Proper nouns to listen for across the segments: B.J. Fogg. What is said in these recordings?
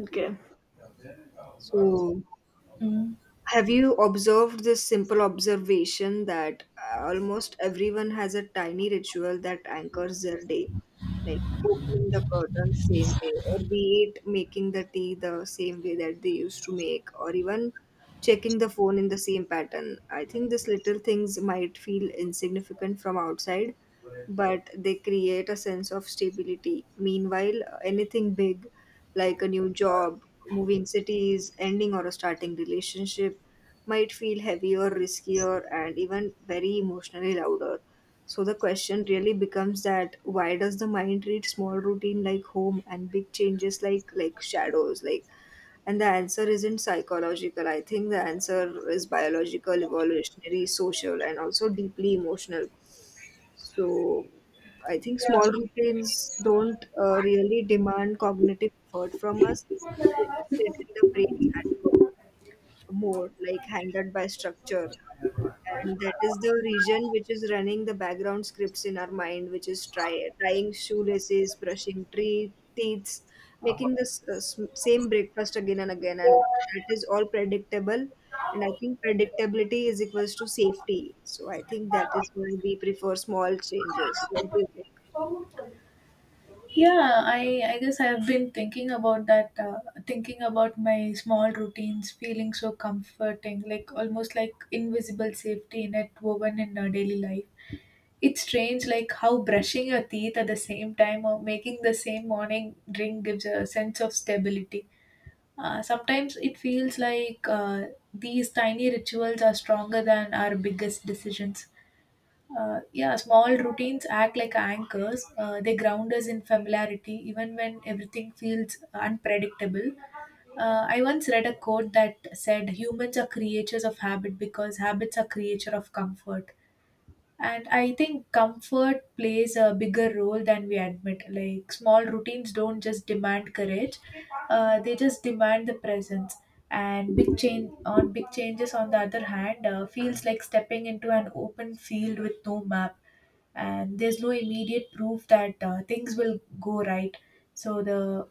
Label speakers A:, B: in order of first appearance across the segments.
A: Okay. So,
B: Mm.
A: Have you observed this simple observation that almost everyone has a tiny ritual that anchors their day, like opening the curtain same way, or be it making the tea the same way that they used to make, or even checking the phone in the same pattern? I think these little things might feel insignificant from outside, but they create a sense of stability. Meanwhile, anything big like a new job, moving cities, ending or starting relationship might feel heavier, riskier, and even very emotionally louder. So the question really becomes that why does the mind treat small routine like home and big changes like shadows? And the answer isn't psychological. I think the answer is biological, evolutionary, social, and also deeply emotional. So I think small routines don't really demand cognitive effort from us. They just sit in the brain's hand mode, like handled by structure, and that is the region which is running the background scripts in our mind, which is tying shoelaces, brushing tree teeth, making this same breakfast again and again, and that is all predictable. And I think predictability is equals to safety. So I think that is why we prefer small changes. What do you think?
B: Yeah, I guess I've been thinking about that, thinking about my small routines feeling so comforting, like almost like invisible safety net woven in our daily life. It's strange, like how brushing your teeth at the same time or making the same morning drink gives a sense of stability. Sometimes it feels like these tiny rituals are stronger than our biggest decisions. Yeah, small routines act like anchors. They ground us in familiarity even when everything feels unpredictable. I once read a quote that said humans are creatures of habit because habits are creature of comfort. And I think comfort plays a bigger role than we admit. Like small routines don't just demand courage, they just demand the presence. And big change on big changes, on the other hand, feels like stepping into an open field with no map, and there's no immediate proof that things will go right. So the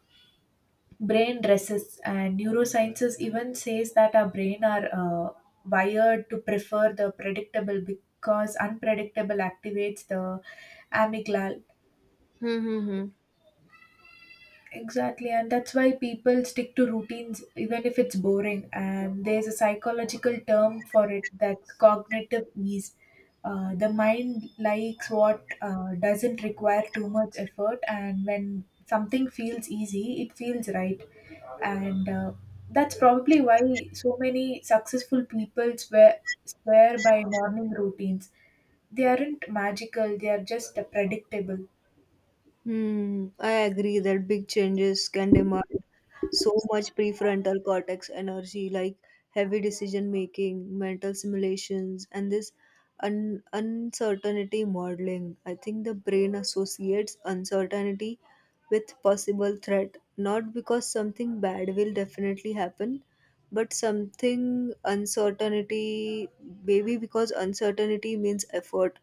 B: brain dresses and neurosciences even says that our brain are wired to prefer the predictable because unpredictable activates the amygdala.
A: Hmm. hmm, hmm.
B: Exactly, and that's why people stick to routines even if it's boring. And there's a psychological term for it, that's cognitive ease. The mind likes what doesn't require too much effort, and when something feels easy, it feels right. And That's probably why so many successful people swear by morning routines. They aren't magical, they are just predictable.
A: Hmm, I agree that big changes can demand so much prefrontal cortex energy, like heavy decision making, mental simulations, and this uncertainty modeling. I think the brain associates uncertainty with possible threat, not because something bad will definitely happen, but something uncertainty, maybe because uncertainty means effort,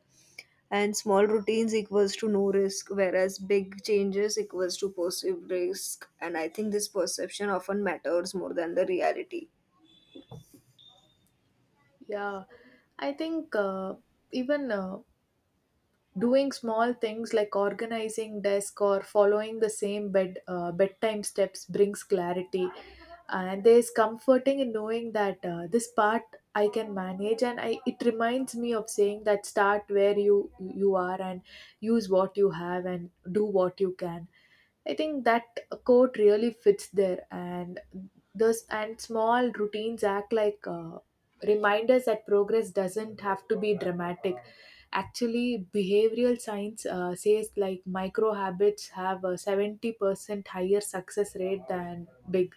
A: and small routines equals to no risk, whereas big changes equals to perceived risk, and I think this perception often matters more than the reality.
B: Yeah, I think even doing small things like organizing desk or following the same bedtime steps brings clarity, and there's comforting in knowing that this part I can manage. And it reminds me of saying that start where you are and use what you have and do what you can. I think that quote really fits there, and those and small routines act like reminders that progress doesn't have to be dramatic. Actually, behavioral science says like micro habits have a 70% higher success rate than big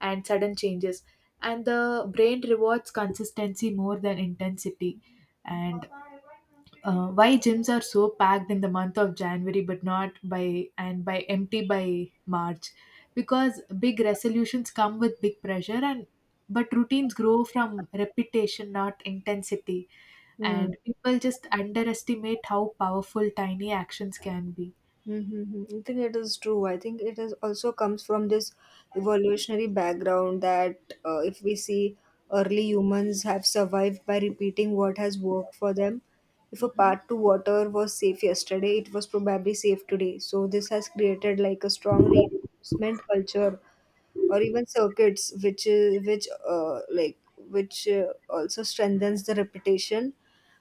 B: and sudden changes. And the brain rewards consistency more than intensity. And why gyms are so packed in the month of January but not by and by empty by March, because big resolutions come with big pressure, and but routines grow from repetition, not intensity,
A: Hmm.
B: and people just underestimate how powerful tiny actions can be.
A: Mm-hmm. I think it is true. I think it is also comes from this evolutionary background that if we see, early humans have survived by repeating what has worked for them. If a
B: Mhm.
A: path to water was safe yesterday, it was probably safe today. So this has created like a strong reinforcement culture or even circuits, which is which like which also strengthens the reputation,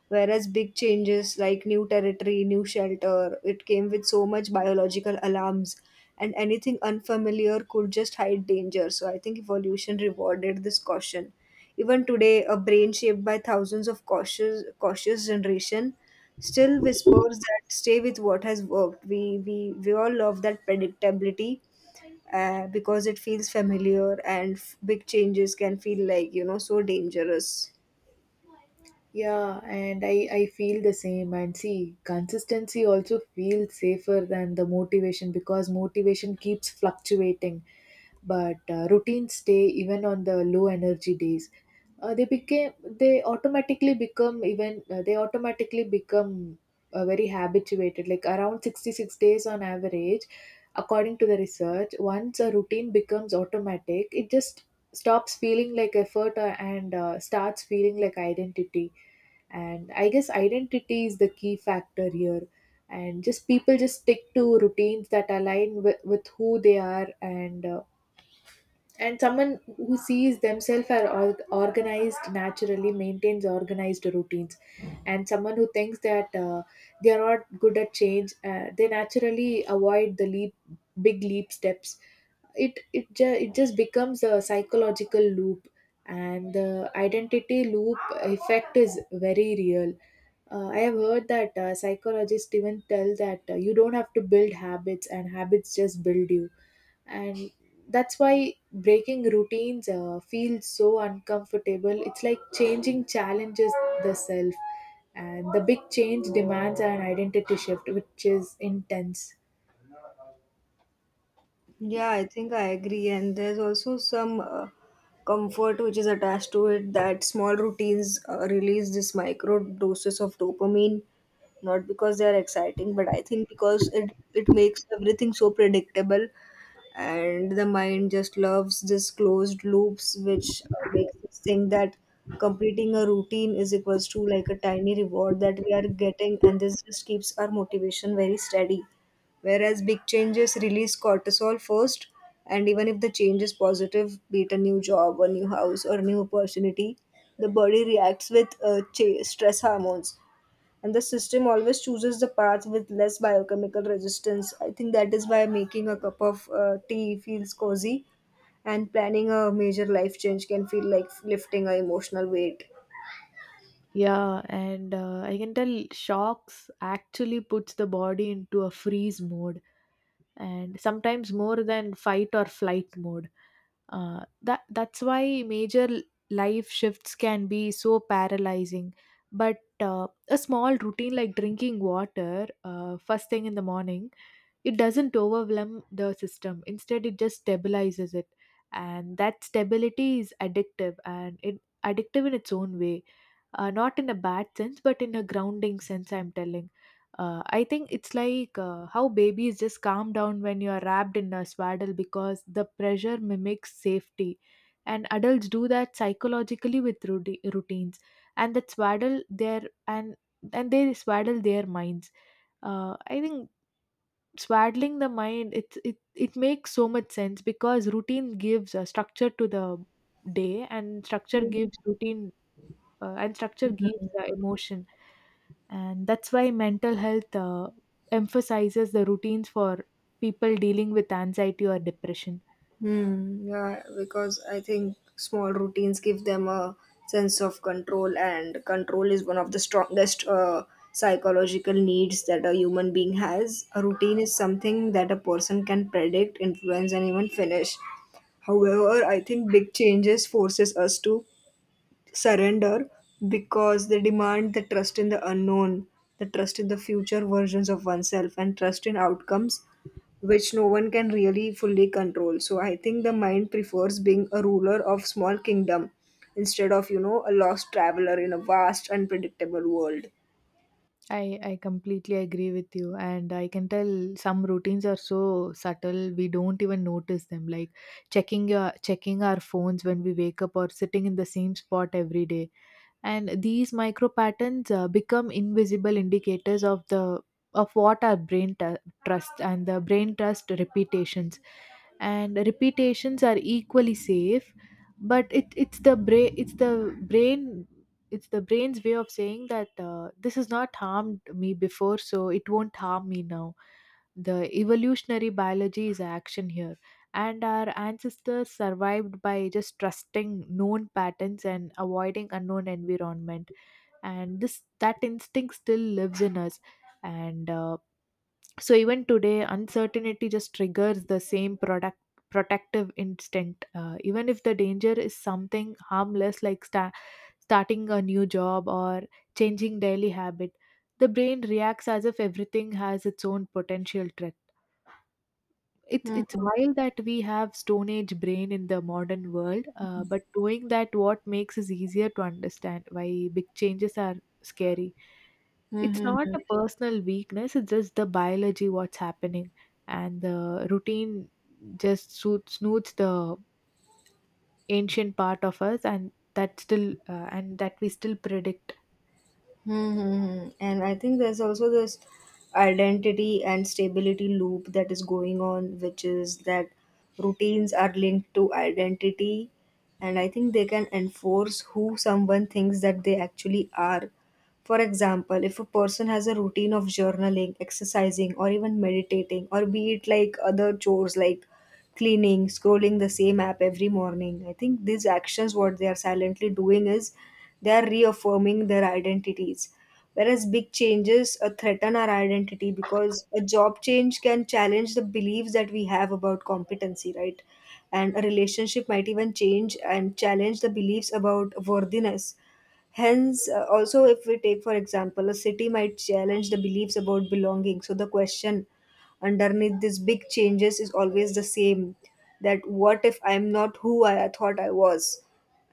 A: whereas big changes like new territory, new shelter, it came with so much biological alarms, and anything unfamiliar could just hide danger. So I think evolution rewarded this caution. Even today, a brain shaped by thousands of cautious generation still whispers that stay with what has worked. We we all love that predictability because it feels familiar, and big changes can feel like, you know, so dangerous.
B: Yeah, and I feel the same. And see, consistency also feels safer than the motivation because motivation keeps fluctuating, but routines stay even on the low energy days. They became they automatically become even they automatically become very habituated, like around 66 days on average. According to the research, once a routine becomes automatic, it just stops feeling like effort and starts feeling like identity. And I guess identity is the key factor here, and just people just stick to routines that align with who they are and and someone who sees themselves organized naturally maintains organized routines. And someone who thinks that they are not good at change, they naturally avoid the leap, big leap steps. It just becomes a psychological loop, and the identity loop effect is very real. I have heard that psychologists even tell that you don't have to build habits, and habits just build you. And that's why breaking routines feels so uncomfortable. It's like changing challenges the self, and the big change demands an identity shift, which is intense.
A: Yeah, I think I agree, and there's also some comfort which is attached to it, that small routines release this micro doses of dopamine, not because they are exciting, but I think because it makes everything so predictable. And the mind just loves this closed loops which makes us think that completing a routine is equals to like a tiny reward that we are getting, and this just keeps our motivation very steady. Whereas big changes release cortisol first, and even if the change is positive, be it a new job, a new house, or a new opportunity, the body reacts with stress hormones, and the system always chooses the path with less biochemical resistance. I think that is why making a cup of tea feels cozy, and planning a major life change can feel like lifting a emotional weight.
B: Yeah, and I can tell shocks actually puts the body into a freeze mode, and sometimes more than fight or flight mode. That's why major life shifts can be so paralyzing. But a small routine like drinking water first thing in the morning, it doesn't overwhelm the system. Instead, it just stabilizes it. And that stability is addictive, and it addictive in its own way, not in a bad sense, but in a grounding sense, I'm telling. I think it's like how babies just calm down when you are wrapped in a swaddle because the pressure mimics safety. And adults do that psychologically with routines. And that swaddle their and and they swaddle their minds. I think swaddling the mind, it makes so much sense because routine gives a structure to the day, and structure
A: Mhm.
B: gives routine, and structure gives the emotion. And that's why mental health emphasizes the routines for people dealing with anxiety or depression.
A: Hmm, yeah, because I think small routines give them a sense of control, and control is one of the strongest psychological needs that a human being has. A routine is something that a person can predict, influence, and even finish. However, I think big changes forces us to surrender because they demand the trust in the unknown, the trust in the future versions of oneself, and trust in outcomes which no one can really fully control. So I think the mind prefers being a ruler of small kingdom instead of, you know, a lost traveler in a vast unpredictable world.
B: I completely agree with you, and I can tell some routines are so subtle we don't even notice them, like checking our phones when we wake up, or sitting in the same spot every day. And these micro patterns become invisible indicators of the of what our brain trust. And the brain trust repetitions, and repetitions are equally safe. But it, it's the brain it's the brain it's the brain's way of saying that this has not harmed me before, so it won't harm me now. The evolutionary biology is action here, and our ancestors survived by just trusting known patterns and avoiding unknown environment, and this that instinct still lives in us. And so even today uncertainty just triggers the same product protective instinct, even if the danger is something harmless like starting a new job or changing daily habit. The brain reacts as if everything has its own potential threat. It's wild that we have Stone Age brain in the modern world, but doing that what makes is easier to understand why big changes are scary. It's
A: Mhm.
B: not a personal weakness; it's just the biology what's happening, and the routine just snoots the ancient part of us, and that still and that we still predict.
A: Mm-hmm. And I think there's also this identity and stability loop that is going on, which is that routines are linked to identity. And I think they can enforce who someone thinks that they actually are. For example, if a person has a routine of journaling, exercising, or even meditating, or be it like other chores like cleaning, scrolling the same app every morning. I think these actions, what they are silently doing is they are reaffirming their identities. Whereas big changes threaten our identity, because a job change can challenge the beliefs that we have about competency, right? And a relationship might even change and challenge the beliefs about worthiness. Hence, also, if we take, for example, a city might challenge the beliefs about belonging. So, the question underneath these big changes is always the same, that what if I'm not who I thought I was?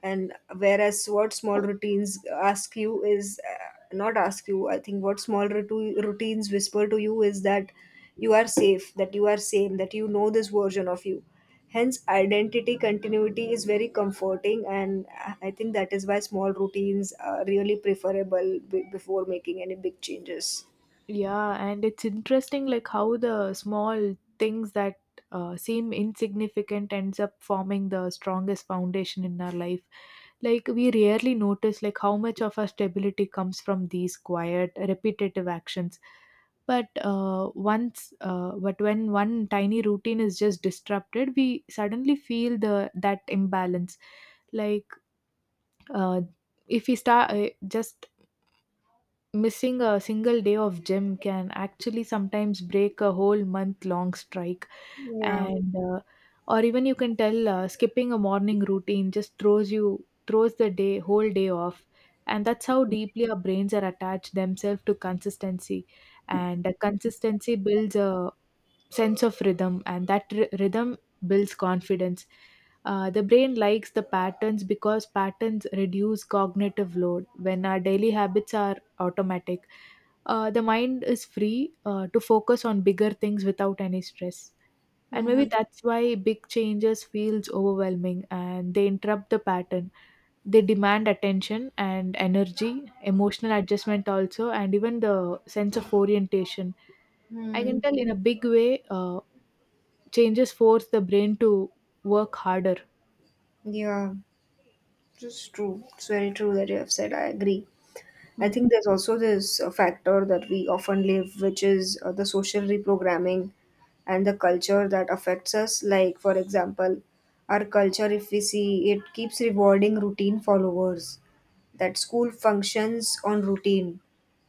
A: And whereas what small routines ask you is not ask you I think what small routines whisper to you is that you are safe, that you are same, that you know this version of you. Hence identity continuity is very comforting, and I think that is why small routines are really preferable before making any big changes.
B: Yeah, and it's interesting like how the small things that seem insignificant ends up forming the strongest foundation in our life. Like we rarely notice like how much of our stability comes from these quiet, repetitive actions. But when one tiny routine is just disrupted, we suddenly feel the that imbalance. Like uh, if we start just missing a single day of gym can actually sometimes break a whole month long strike,
A: Yeah.
B: and or even you can tell skipping a morning routine just throws the day whole day off. And that's how deeply our brains are attached themselves to consistency, and consistency builds a sense of rhythm, and that rhythm builds confidence. The brain likes the patterns because patterns reduce cognitive load. When our daily habits are automatic, the mind is free to focus on bigger things without any stress. And maybe that's why big changes feels overwhelming, and they interrupt the pattern. They demand attention and energy, emotional adjustment also, and even the sense of orientation. I
A: Mm-hmm.
B: can tell in a big way, changes force the brain to work harder.
A: Yeah, it's true, it's very true that you have said, I agree. I
B: Mm,
A: think there's also this factor that we often live, which is the social reprogramming and the culture that affects us. Like, for example, our culture, if we see, it keeps rewarding routine followers, that school functions on routine,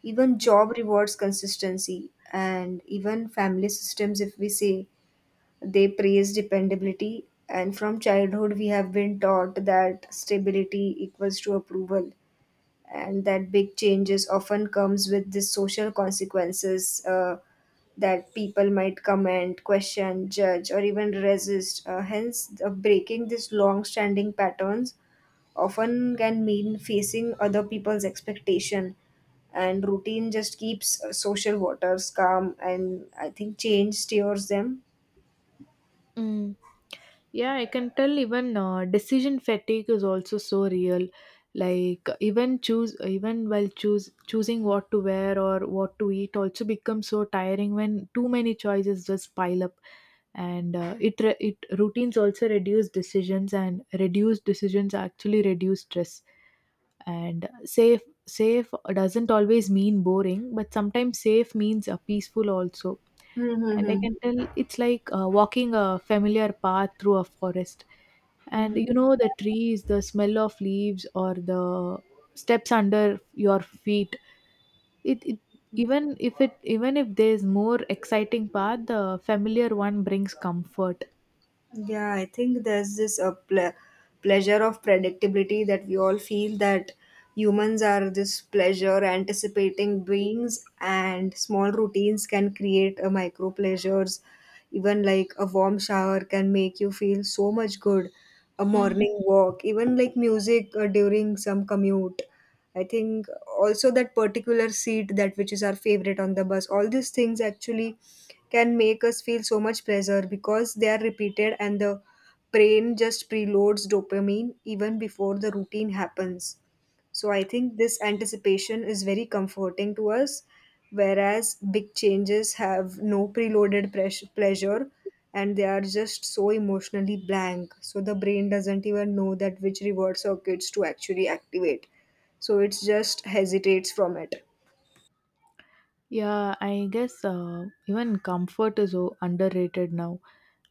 A: even job rewards consistency, and even family systems, if we say, they praise dependability. And from childhood, we have been taught that stability equals to approval, and that big changes often comes with the social consequences, that people might comment, question, judge, or even resist. Hence, breaking these long-standing patterns often can mean facing other people's expectation, and routine just keeps social waters calm, and I think change steers them.
B: mm. Yeah, I can tell even decision fatigue is also so real. Like even choose even while choose choosing what to wear or what to eat also becomes so tiring when too many choices just pile up. And it re- it routines also reduce decisions, and reduced decisions actually reduce stress. And safe doesn't always mean boring, but sometimes safe means peaceful also.
A: Hmm, hmm,
B: And I
A: hmm,
B: can tell it's like walking a familiar path through a forest. And
A: hmm.
B: you know the trees, the smell of leaves, or the steps under your feet. It even if it Even if there's more exciting path, the familiar one brings comfort.
A: Yeah, I think there's this a pleasure of predictability that we all feel, that humans are this pleasure anticipating beings, and small routines can create a micro pleasures. Even like a warm shower can make you feel so much good. A morning walk, even like music during some commute. I think also that particular seat that which is our favorite on the bus, all these things actually can make us feel so much pleasure because they are repeated, and the brain just preloads dopamine even before the routine happens. So I think this anticipation is very comforting to us, whereas big changes have no preloaded pleasure, and they are just so emotionally blank. So the brain doesn't even know that which reward circuits to actually activate, so it just hesitates from it.
B: Yeah, I guess even comfort is underrated now.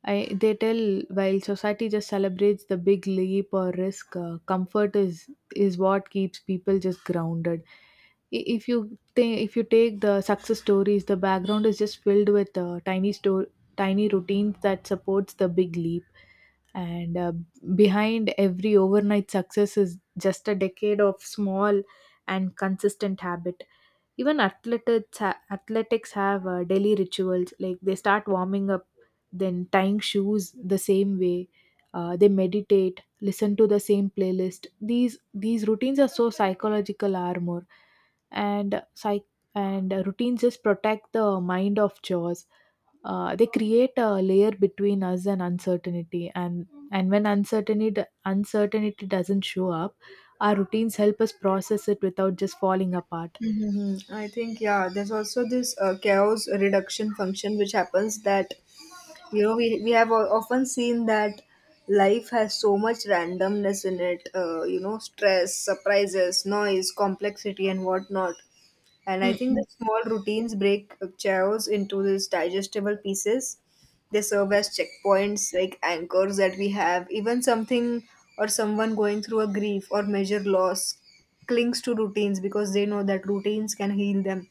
B: I they tell while society just celebrates the big leap or risk, comfort is what keeps people just grounded. If you take the success stories, the background is just filled with tiny routines that supports the big leap. And Behind every overnight success is just a decade of small and consistent habit. Even athletics have daily rituals, like they start warming up, then tying shoes the same way. They meditate, listen to the same playlist. These routines are so psychological armor, and psych and routines just protect the mind of chores. They create a layer between us and uncertainty, and when uncertainty doesn't show up, our routines help us process it without just falling apart.
A: Hmm. I think, yeah, there's also this chaos reduction function which happens, that you know we have often seen that life has so much randomness in it. You know, stress, surprises, noise, complexity, and whatnot. And I think the
B: Mm.
A: small routines break chaos into these digestible pieces. They serve as checkpoints, like anchors that we have. Even something or someone going through a grief or major loss clings to routines because they know that routines can heal them.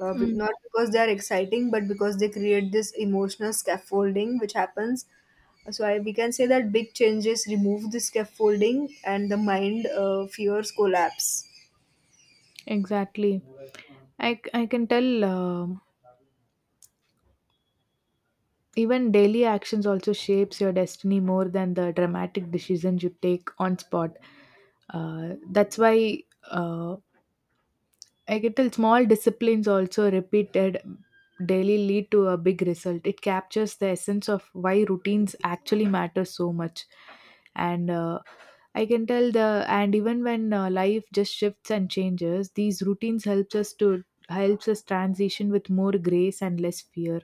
B: Mm,
A: Not because they are exciting, but because they create this emotional scaffolding which happens. So I, we can say that big changes remove the scaffolding, and the mind fears collapse.
B: exactly. I can tell, even daily actions also shapes your destiny more than the dramatic decisions you take on spot. That's why, uh, I can tell, small disciplines also repeated daily lead to a big result. It captures the essence of why routines actually matter so much. And I can tell the and even when life just shifts and changes, these routines helps us to helps us transition with more grace and less fear.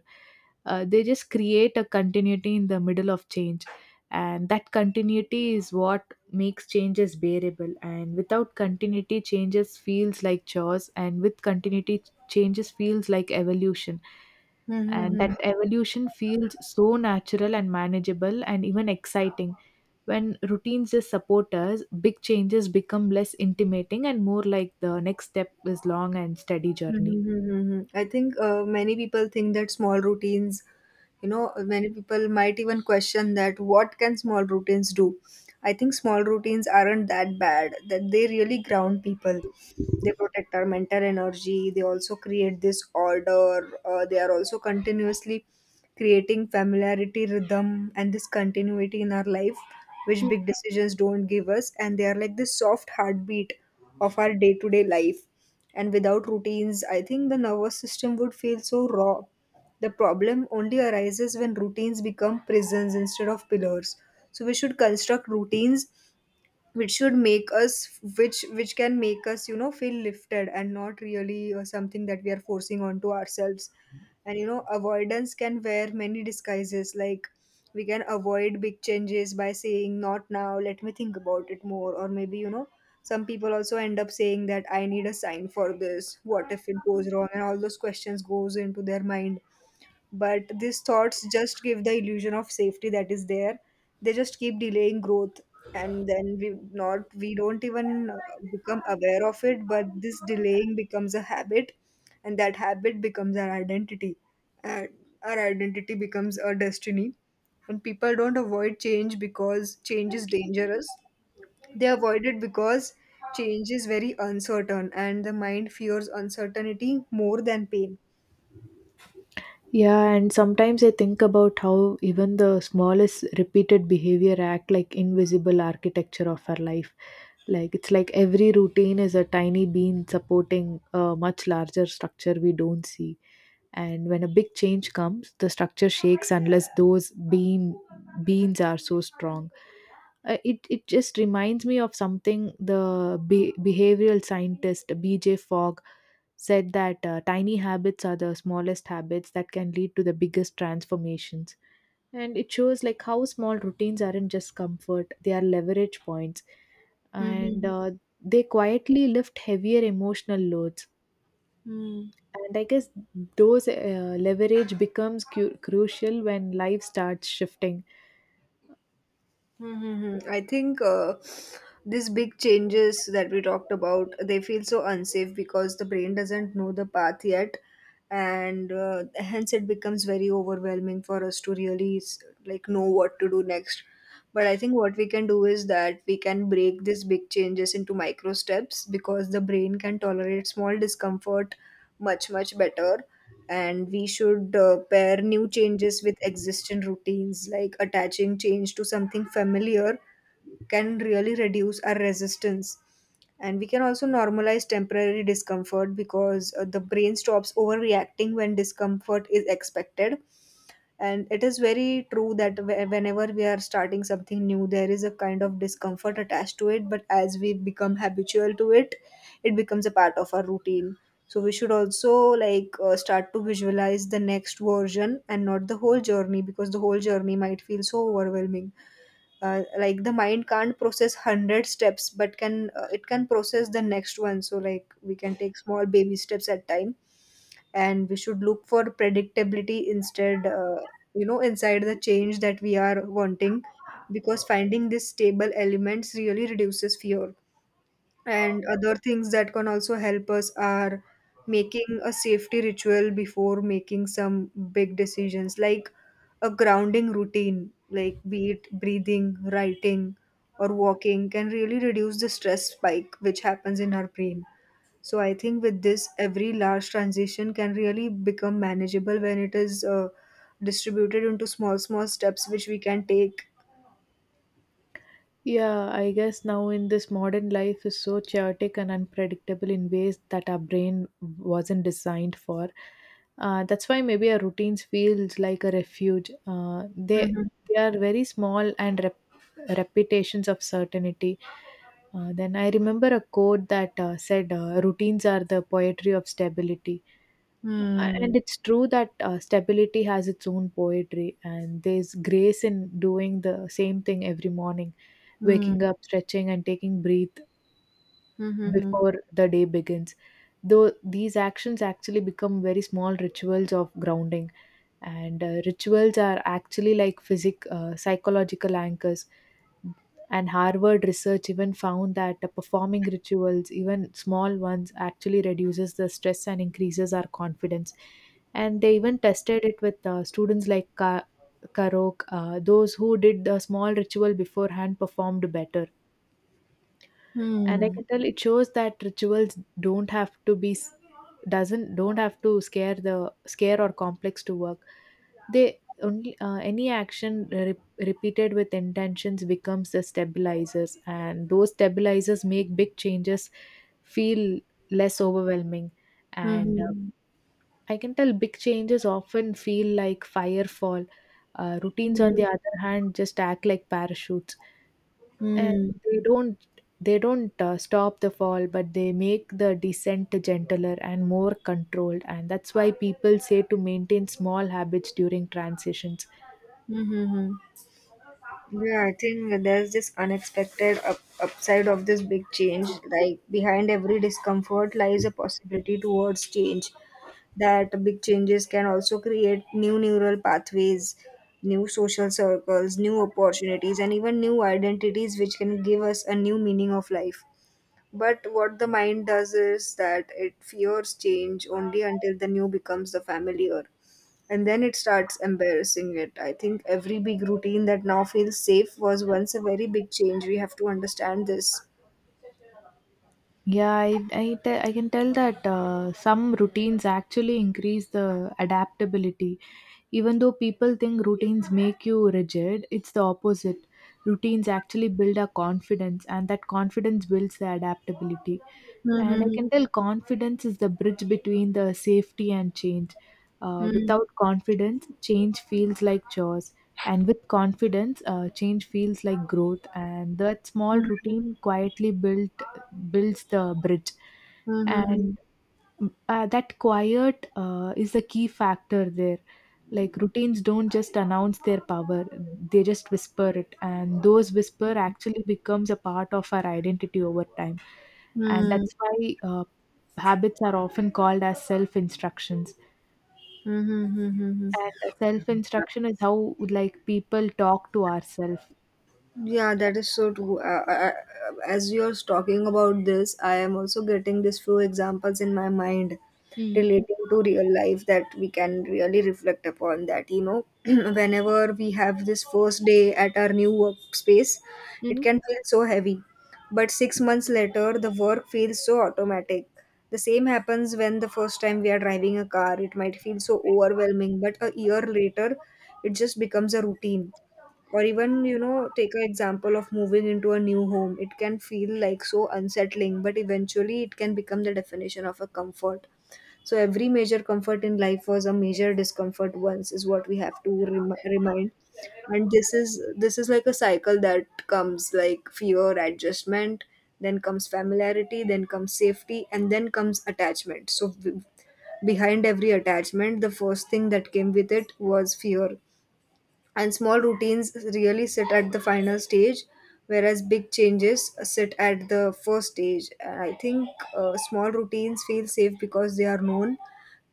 B: They just create a continuity in the middle of change, and that continuity is what makes changes bearable. And without continuity, changes feels like chores, and with continuity, changes feels like evolution. And
A: Mm-hmm.
B: that evolution feels so natural and manageable and even exciting. When routines just support us, big changes become less intimidating and more like the next step is long and steady journey.
A: Mhm. I think many people think that small routines, you know, many people might even question that what can small routines do. I think small routines aren't that bad, that they really ground people, they protect our mental energy, they also create this order, they are also continuously creating familiarity rhythm and this continuity in our life, which big decisions don't give us, and they are like this soft heartbeat of our day-to-day life. And without routines, I think the nervous system would feel so raw. The problem only arises when routines become prisons instead of pillars. So we should construct routines which should make us, which can make us, you know, feel lifted, and not really something that we are forcing onto ourselves. And you know avoidance can wear many disguises like we can avoid big changes by saying not now, let me think about it more, or maybe you know some people also end up saying that I need a sign for this, what if it goes wrong, and all those questions goes into their mind. But these thoughts just give the illusion of safety that is there. They just keep delaying growth. And then we don't even become aware of it, but this delaying becomes a habit, and that habit becomes our identity, and our identity becomes our destiny. And people don't avoid change because change is dangerous, they avoid it because change is very uncertain and the mind fears uncertainty more than pain.
B: Yeah, and sometimes I think about how even the smallest repeated behavior act like invisible architecture of our life. It's like every routine is a tiny bean supporting a much larger structure we don't see. And when a big change comes, the structure shakes unless those beam beans are so strong. It just reminds me of something the behavioral scientist B.J. Fogg said that tiny habits are the smallest habits that can lead to the biggest transformations. And it shows like how small routines aren't just comfort, they are leverage points. And
A: Mm-hmm.
B: They quietly lift heavier emotional loads, and I guess those leverage becomes crucial when life starts shifting.
A: Mm-hmm. I think these big changes that we talked about, they feel so unsafe because the brain doesn't know the path yet, and hence it becomes very overwhelming for us to really like know what to do next. But I think what we can do is that we can break these big changes into micro steps because the brain can tolerate small discomfort much better, and we should pair new changes with existing routines. Like attaching change to something familiar can really reduce our resistance. And we can also normalize temporary discomfort because the brain stops overreacting when discomfort is expected. And it is very true that whenever we are starting something new, there is a kind of discomfort attached to it. But as we become habitual to it, it becomes a part of our routine. So we should also like start to visualize the next version and not the whole journey, because the whole journey might feel so overwhelming. Like the mind can't process 100 steps, but can it can process the next one. So like we can take small baby steps at time, and we should look for predictability instead, you know, inside the change that we are wanting, because finding these stable elements really reduces fear. And other things that can also help us are making a safety ritual before making some big decisions, like a grounding routine, like be it breathing, writing, or walking, can really reduce the stress spike which happens in our brain. So I think with this, every large transition can really become manageable when it is distributed into small, small steps which we can take.
B: Yeah, I guess now in this modern life is so chaotic and unpredictable in ways that our brain wasn't designed for. That's why maybe our routines feels like a refuge. Uh, they
A: Mm-hmm.
B: they are very small and repetitions of certainty. Then I remember a quote that said, "Routines are the poetry of stability." A-
A: Hmm.
B: And it's true that stability has its own poetry, and there's grace in doing the same thing every morning,
A: Hmm.
B: waking up, stretching, and taking breath
A: Hmm.
B: before the day begins. Though these actions actually become very small rituals of grounding, and rituals are actually like physic psychological anchors. And Harvard research even found that performing rituals, even small ones, actually reduces the stress and increases our confidence. And they even tested it with students like Karok. Those who did the small ritual beforehand performed better. And I
A: Hmm.
B: can tell it shows that rituals don't have to be doesn't don't have to scare the scare or complex to work. They only any action repeated with intentions becomes the stabilizers, and those stabilizers make big changes feel less overwhelming.
A: Hmm.
B: And
A: Hmm.
B: I can tell big changes often feel like firefall. Routines on
A: Hmm.
B: the other hand just act like parachutes, and
A: Hmm.
B: they don't they don't stop the fall, but they make the descent gentler and more controlled. And that's why people say to maintain small habits during transitions.
A: Hmm. Hmm. Yeah, I think there's this unexpected upside of this big change. Like behind every discomfort lies a possibility towards change, that big changes can also create new neural pathways, new social circles, new opportunities, and even new identities, which can give us a new meaning of life. But what the mind does is that it fears change only until the new becomes the familiar. And then it starts embarrassing it. I think every big routine that now feels safe was once a very big change. We have to understand this.
B: Yeah, I can tell that some routines actually increase the adaptability. Even though people think routines make you rigid, it's the opposite. Routines actually build our confidence, and that confidence builds the adaptability. And I
A: Hmm,
B: can tell confidence is the bridge between the safety and change. Uh,
A: hmm,
B: without confidence, change feels like chores. And with confidence, change feels like growth. And that small
A: hmm,
B: routine quietly built builds the bridge.
A: hmm, hmm, hmm,
B: And that quiet is the key factor there. Like routines don't just announce their power; they just whisper it, and those whisper actually becomes a part of our identity over time.
A: hmm,
B: And
A: hmm, hmm,
B: that's why uh, habits are often called as self instructions,
A: hmm, hmm, hmm, hmm.
B: and self instruction is how like people talk to ourselves.
A: Yeah, that is so true. As you're talking about this, I am also getting these few examples in my mind
B: Mm,
A: relating to real life that we can really reflect upon. That, you know, whenever we have this first day at our new workspace, it
B: hmm.
A: can feel so heavy. But 6 months later, the work feels so automatic. The same happens when the first time we are driving a car, it might feel so overwhelming, but a year later, it just becomes a routine. Or even, you know, take an example of moving into a new home. It can feel like so unsettling, but eventually it can become the definition of a comfort. So every major comfort in life was a major discomfort once is what we have to remind. And this is like a cycle that comes like fear, adjustment, then comes familiarity, then comes safety, and then comes attachment. Behind every attachment the first thing that came with it was fear. And small routines really sit at the final stage, whereas big changes sit at the first stage. And I think small routines feel safe because they are known,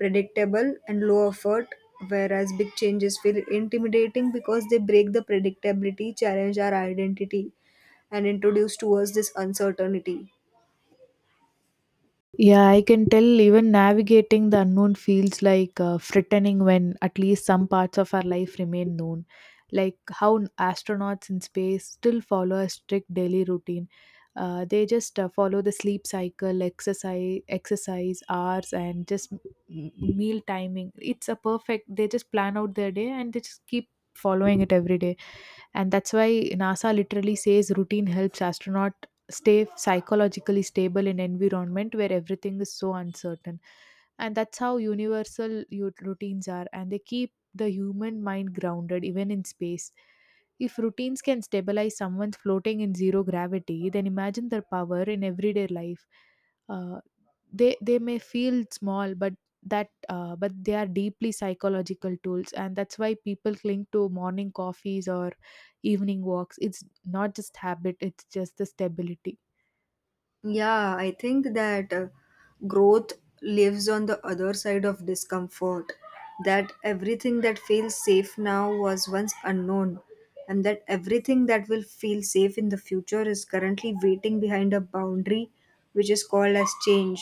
A: predictable, and low effort, whereas big changes feel intimidating because they break the predictability, challenge our identity, and introduce to us this uncertainty.
B: Yeah, I can tell even navigating the unknown feels like threatening when at least some parts of our life remain known. Like how astronauts in space still follow a strict daily routine. They just follow the sleep cycle, exercise, exercise hours, and just meal timing. It's a perfect. They just plan out their day and they just keep following it every day. And that's why NASA literally says routine helps astronaut stay psychologically stable in environment where everything is so uncertain. And that's how universal routines are, and they keep the human mind grounded even in space. If routines can stabilize someone floating in zero gravity, then imagine their power in everyday life. Uh, they they may feel small, but that but they are deeply psychological tools. And that's why people cling to morning coffees or evening walks. It's not just habit, it's just the stability.
A: Yeah, I think that growth lives on the other side of discomfort. That everything that feels safe now was once unknown, and that everything that will feel safe in the future is currently waiting behind a boundary which is called as change.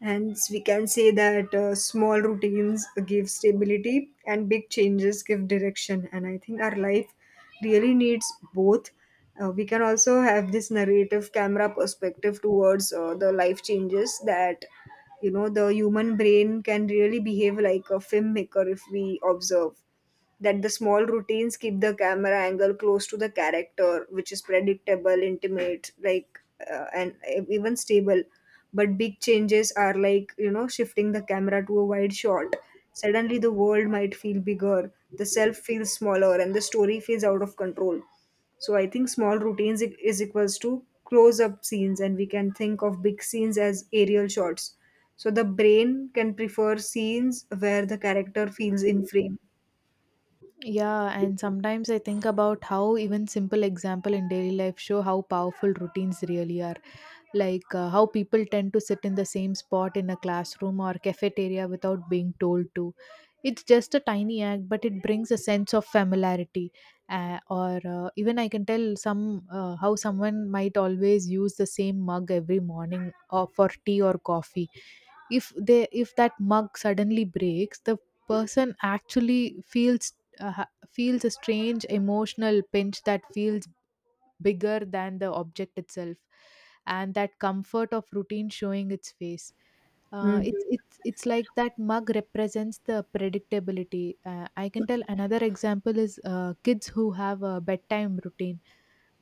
A: Hence, we can say that small routines give stability and big changes give direction. And I think our life really needs both. We can also have this narrative camera perspective towards the life changes. That, you know, the human brain can really behave like a filmmaker if we observe that the small routines keep the camera angle close to the character, which is predictable, intimate, like, and even stable. But big changes are like, you know, shifting the camera to a wide shot. Suddenly, the world might feel bigger, the self feels smaller, and the story feels out of control. So, I think small routines is equals to close up scenes, and we can think of big scenes as aerial shots. So, the brain can prefer scenes where the character feels in frame.
B: Yeah, and sometimes I think about how even simple example in daily life show how powerful routines really are. Like how people tend to sit in the same spot in a classroom or cafeteria without being told to. It's just a tiny act, but it brings a sense of familiarity. Or even I can tell some how someone might always use the same mug every morning or for tea or coffee. If that mug suddenly breaks, the person actually feels uh, ha- feels a strange emotional pinch that feels bigger than the object itself, and that comfort of routine showing its face. uh,
A: Mhm.
B: it's it's it's like that mug represents the predictability. I can tell another example is kids who have a bedtime routine,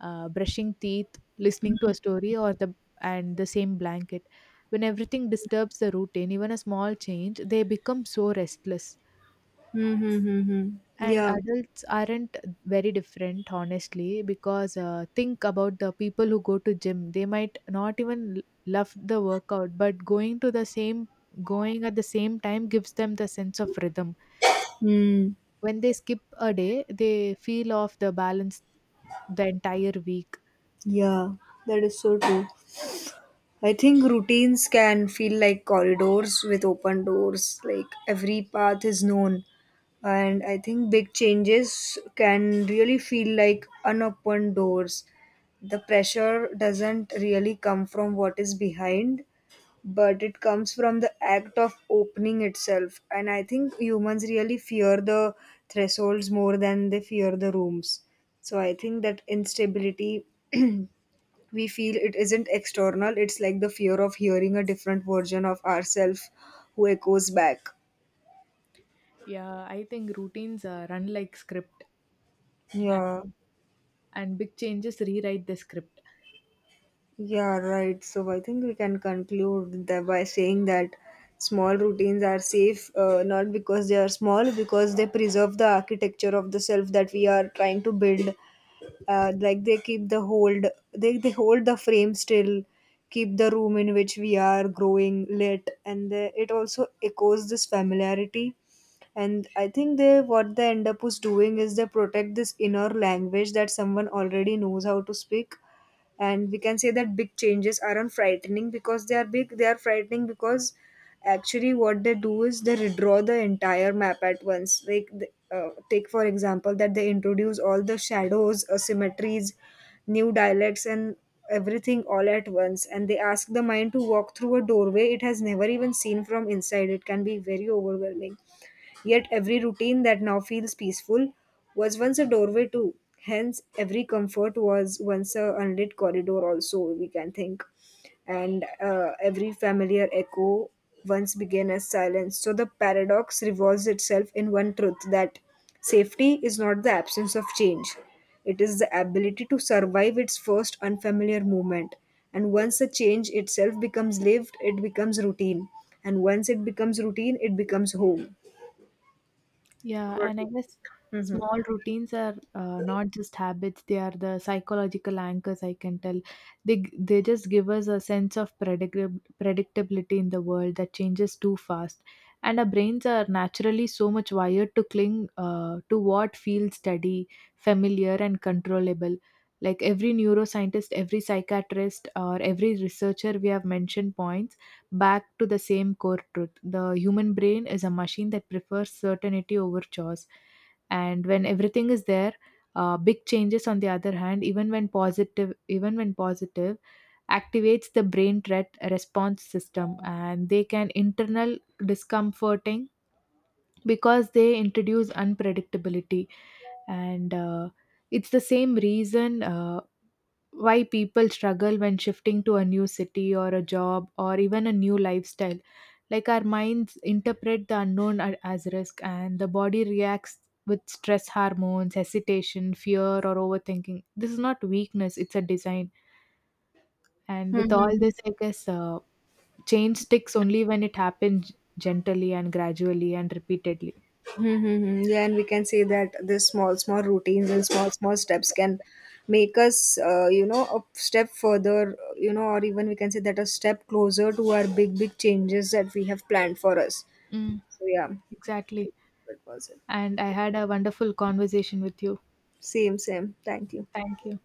B: brushing teeth, listening to a story or the and the same blanket. When everything disturbs the routine, even a small change, they become so restless.
A: Mm-hmm.
B: And
A: Yeah.
B: adults aren't very different honestly, because think about the people who go to gym. They might not even love the workout, but going at the same time gives them the sense of rhythm.
A: Mm.
B: When they skip a day, they feel off the balance the entire week.
A: Yeah. That is so true. I think routines can feel like corridors with open doors. Like every path is known. And I think big changes can really feel like unopened doors. The pressure doesn't really come from what is behind, but it comes from the act of opening itself. And I think humans really fear the thresholds more than they fear the rooms. So I think that instability we feel it isn't external. It's like the fear of hearing a different version of ourselves who echoes back.
B: Yeah, I think routines run like script, a-
A: Yeah.
B: and big changes rewrite the script.
A: Yeah, right. So I think we can conclude that by saying that small routines are safe, not because they are small, because they preserve the architecture of the self that we are trying to build. Like they keep the hold, they hold the frame still, keep the room in which we are growing lit, and they, it also echoes this familiarity. And I think they, what they end up is doing is they protect this inner language that someone already knows how to speak. And we can say that big changes aren't frightening because they are big. They are frightening because actually what they do is they redraw the entire map at once, like take for example that they introduce all the shadows, asymmetries, new dialects, and everything all at once, and they ask the mind to walk through a doorway it has never even seen from inside. It can be very overwhelming. Yet every routine that now feels peaceful was once a doorway too. Hence, every comfort was once a unlit corridor, also, we can think. And every familiar echo once began as silence. So the paradox revolves itself in one truth, that safety is not the absence of change, it is the ability to survive its first unfamiliar moment. And once the change itself becomes lived, it becomes routine. And once it becomes routine, it becomes home.
B: Yeah, and I
A: What?
B: guess small routines are not just habits; they are the psychological anchors. I can tell they just give us a sense of predictability in the world that changes too fast, and our brains are naturally so much wired to cling to what feels steady, familiar, and controllable. Like every neuroscientist, every psychiatrist, or every researcher we have mentioned points back to the same core truth: the human brain is a machine that prefers certainty over choice. And when everything is there, big changes on the other hand, even when positive, activates the brain threat response system, and they can internal discomforting because they introduce unpredictability. And uh, it's the same reason why people struggle when shifting to a new city or a job or even a new lifestyle. Like our minds interpret the unknown as risk, and the body reacts with stress hormones, hesitation, fear, or overthinking. This is not weakness, it's a design. And with all this, I guess change sticks only when it happens gently and gradually and repeatedly.
A: Mm-hmm. Yeah, and we can say that these small, small routines and small, small steps can make us, you know, a step further, you know, or even we can say that a step closer to our big, big changes that we have planned for us.
B: Mm,
A: So, yeah,
B: exactly.
A: that was it.
B: And I had a wonderful conversation with you.
A: Same, same. Thank you.
B: Thank you.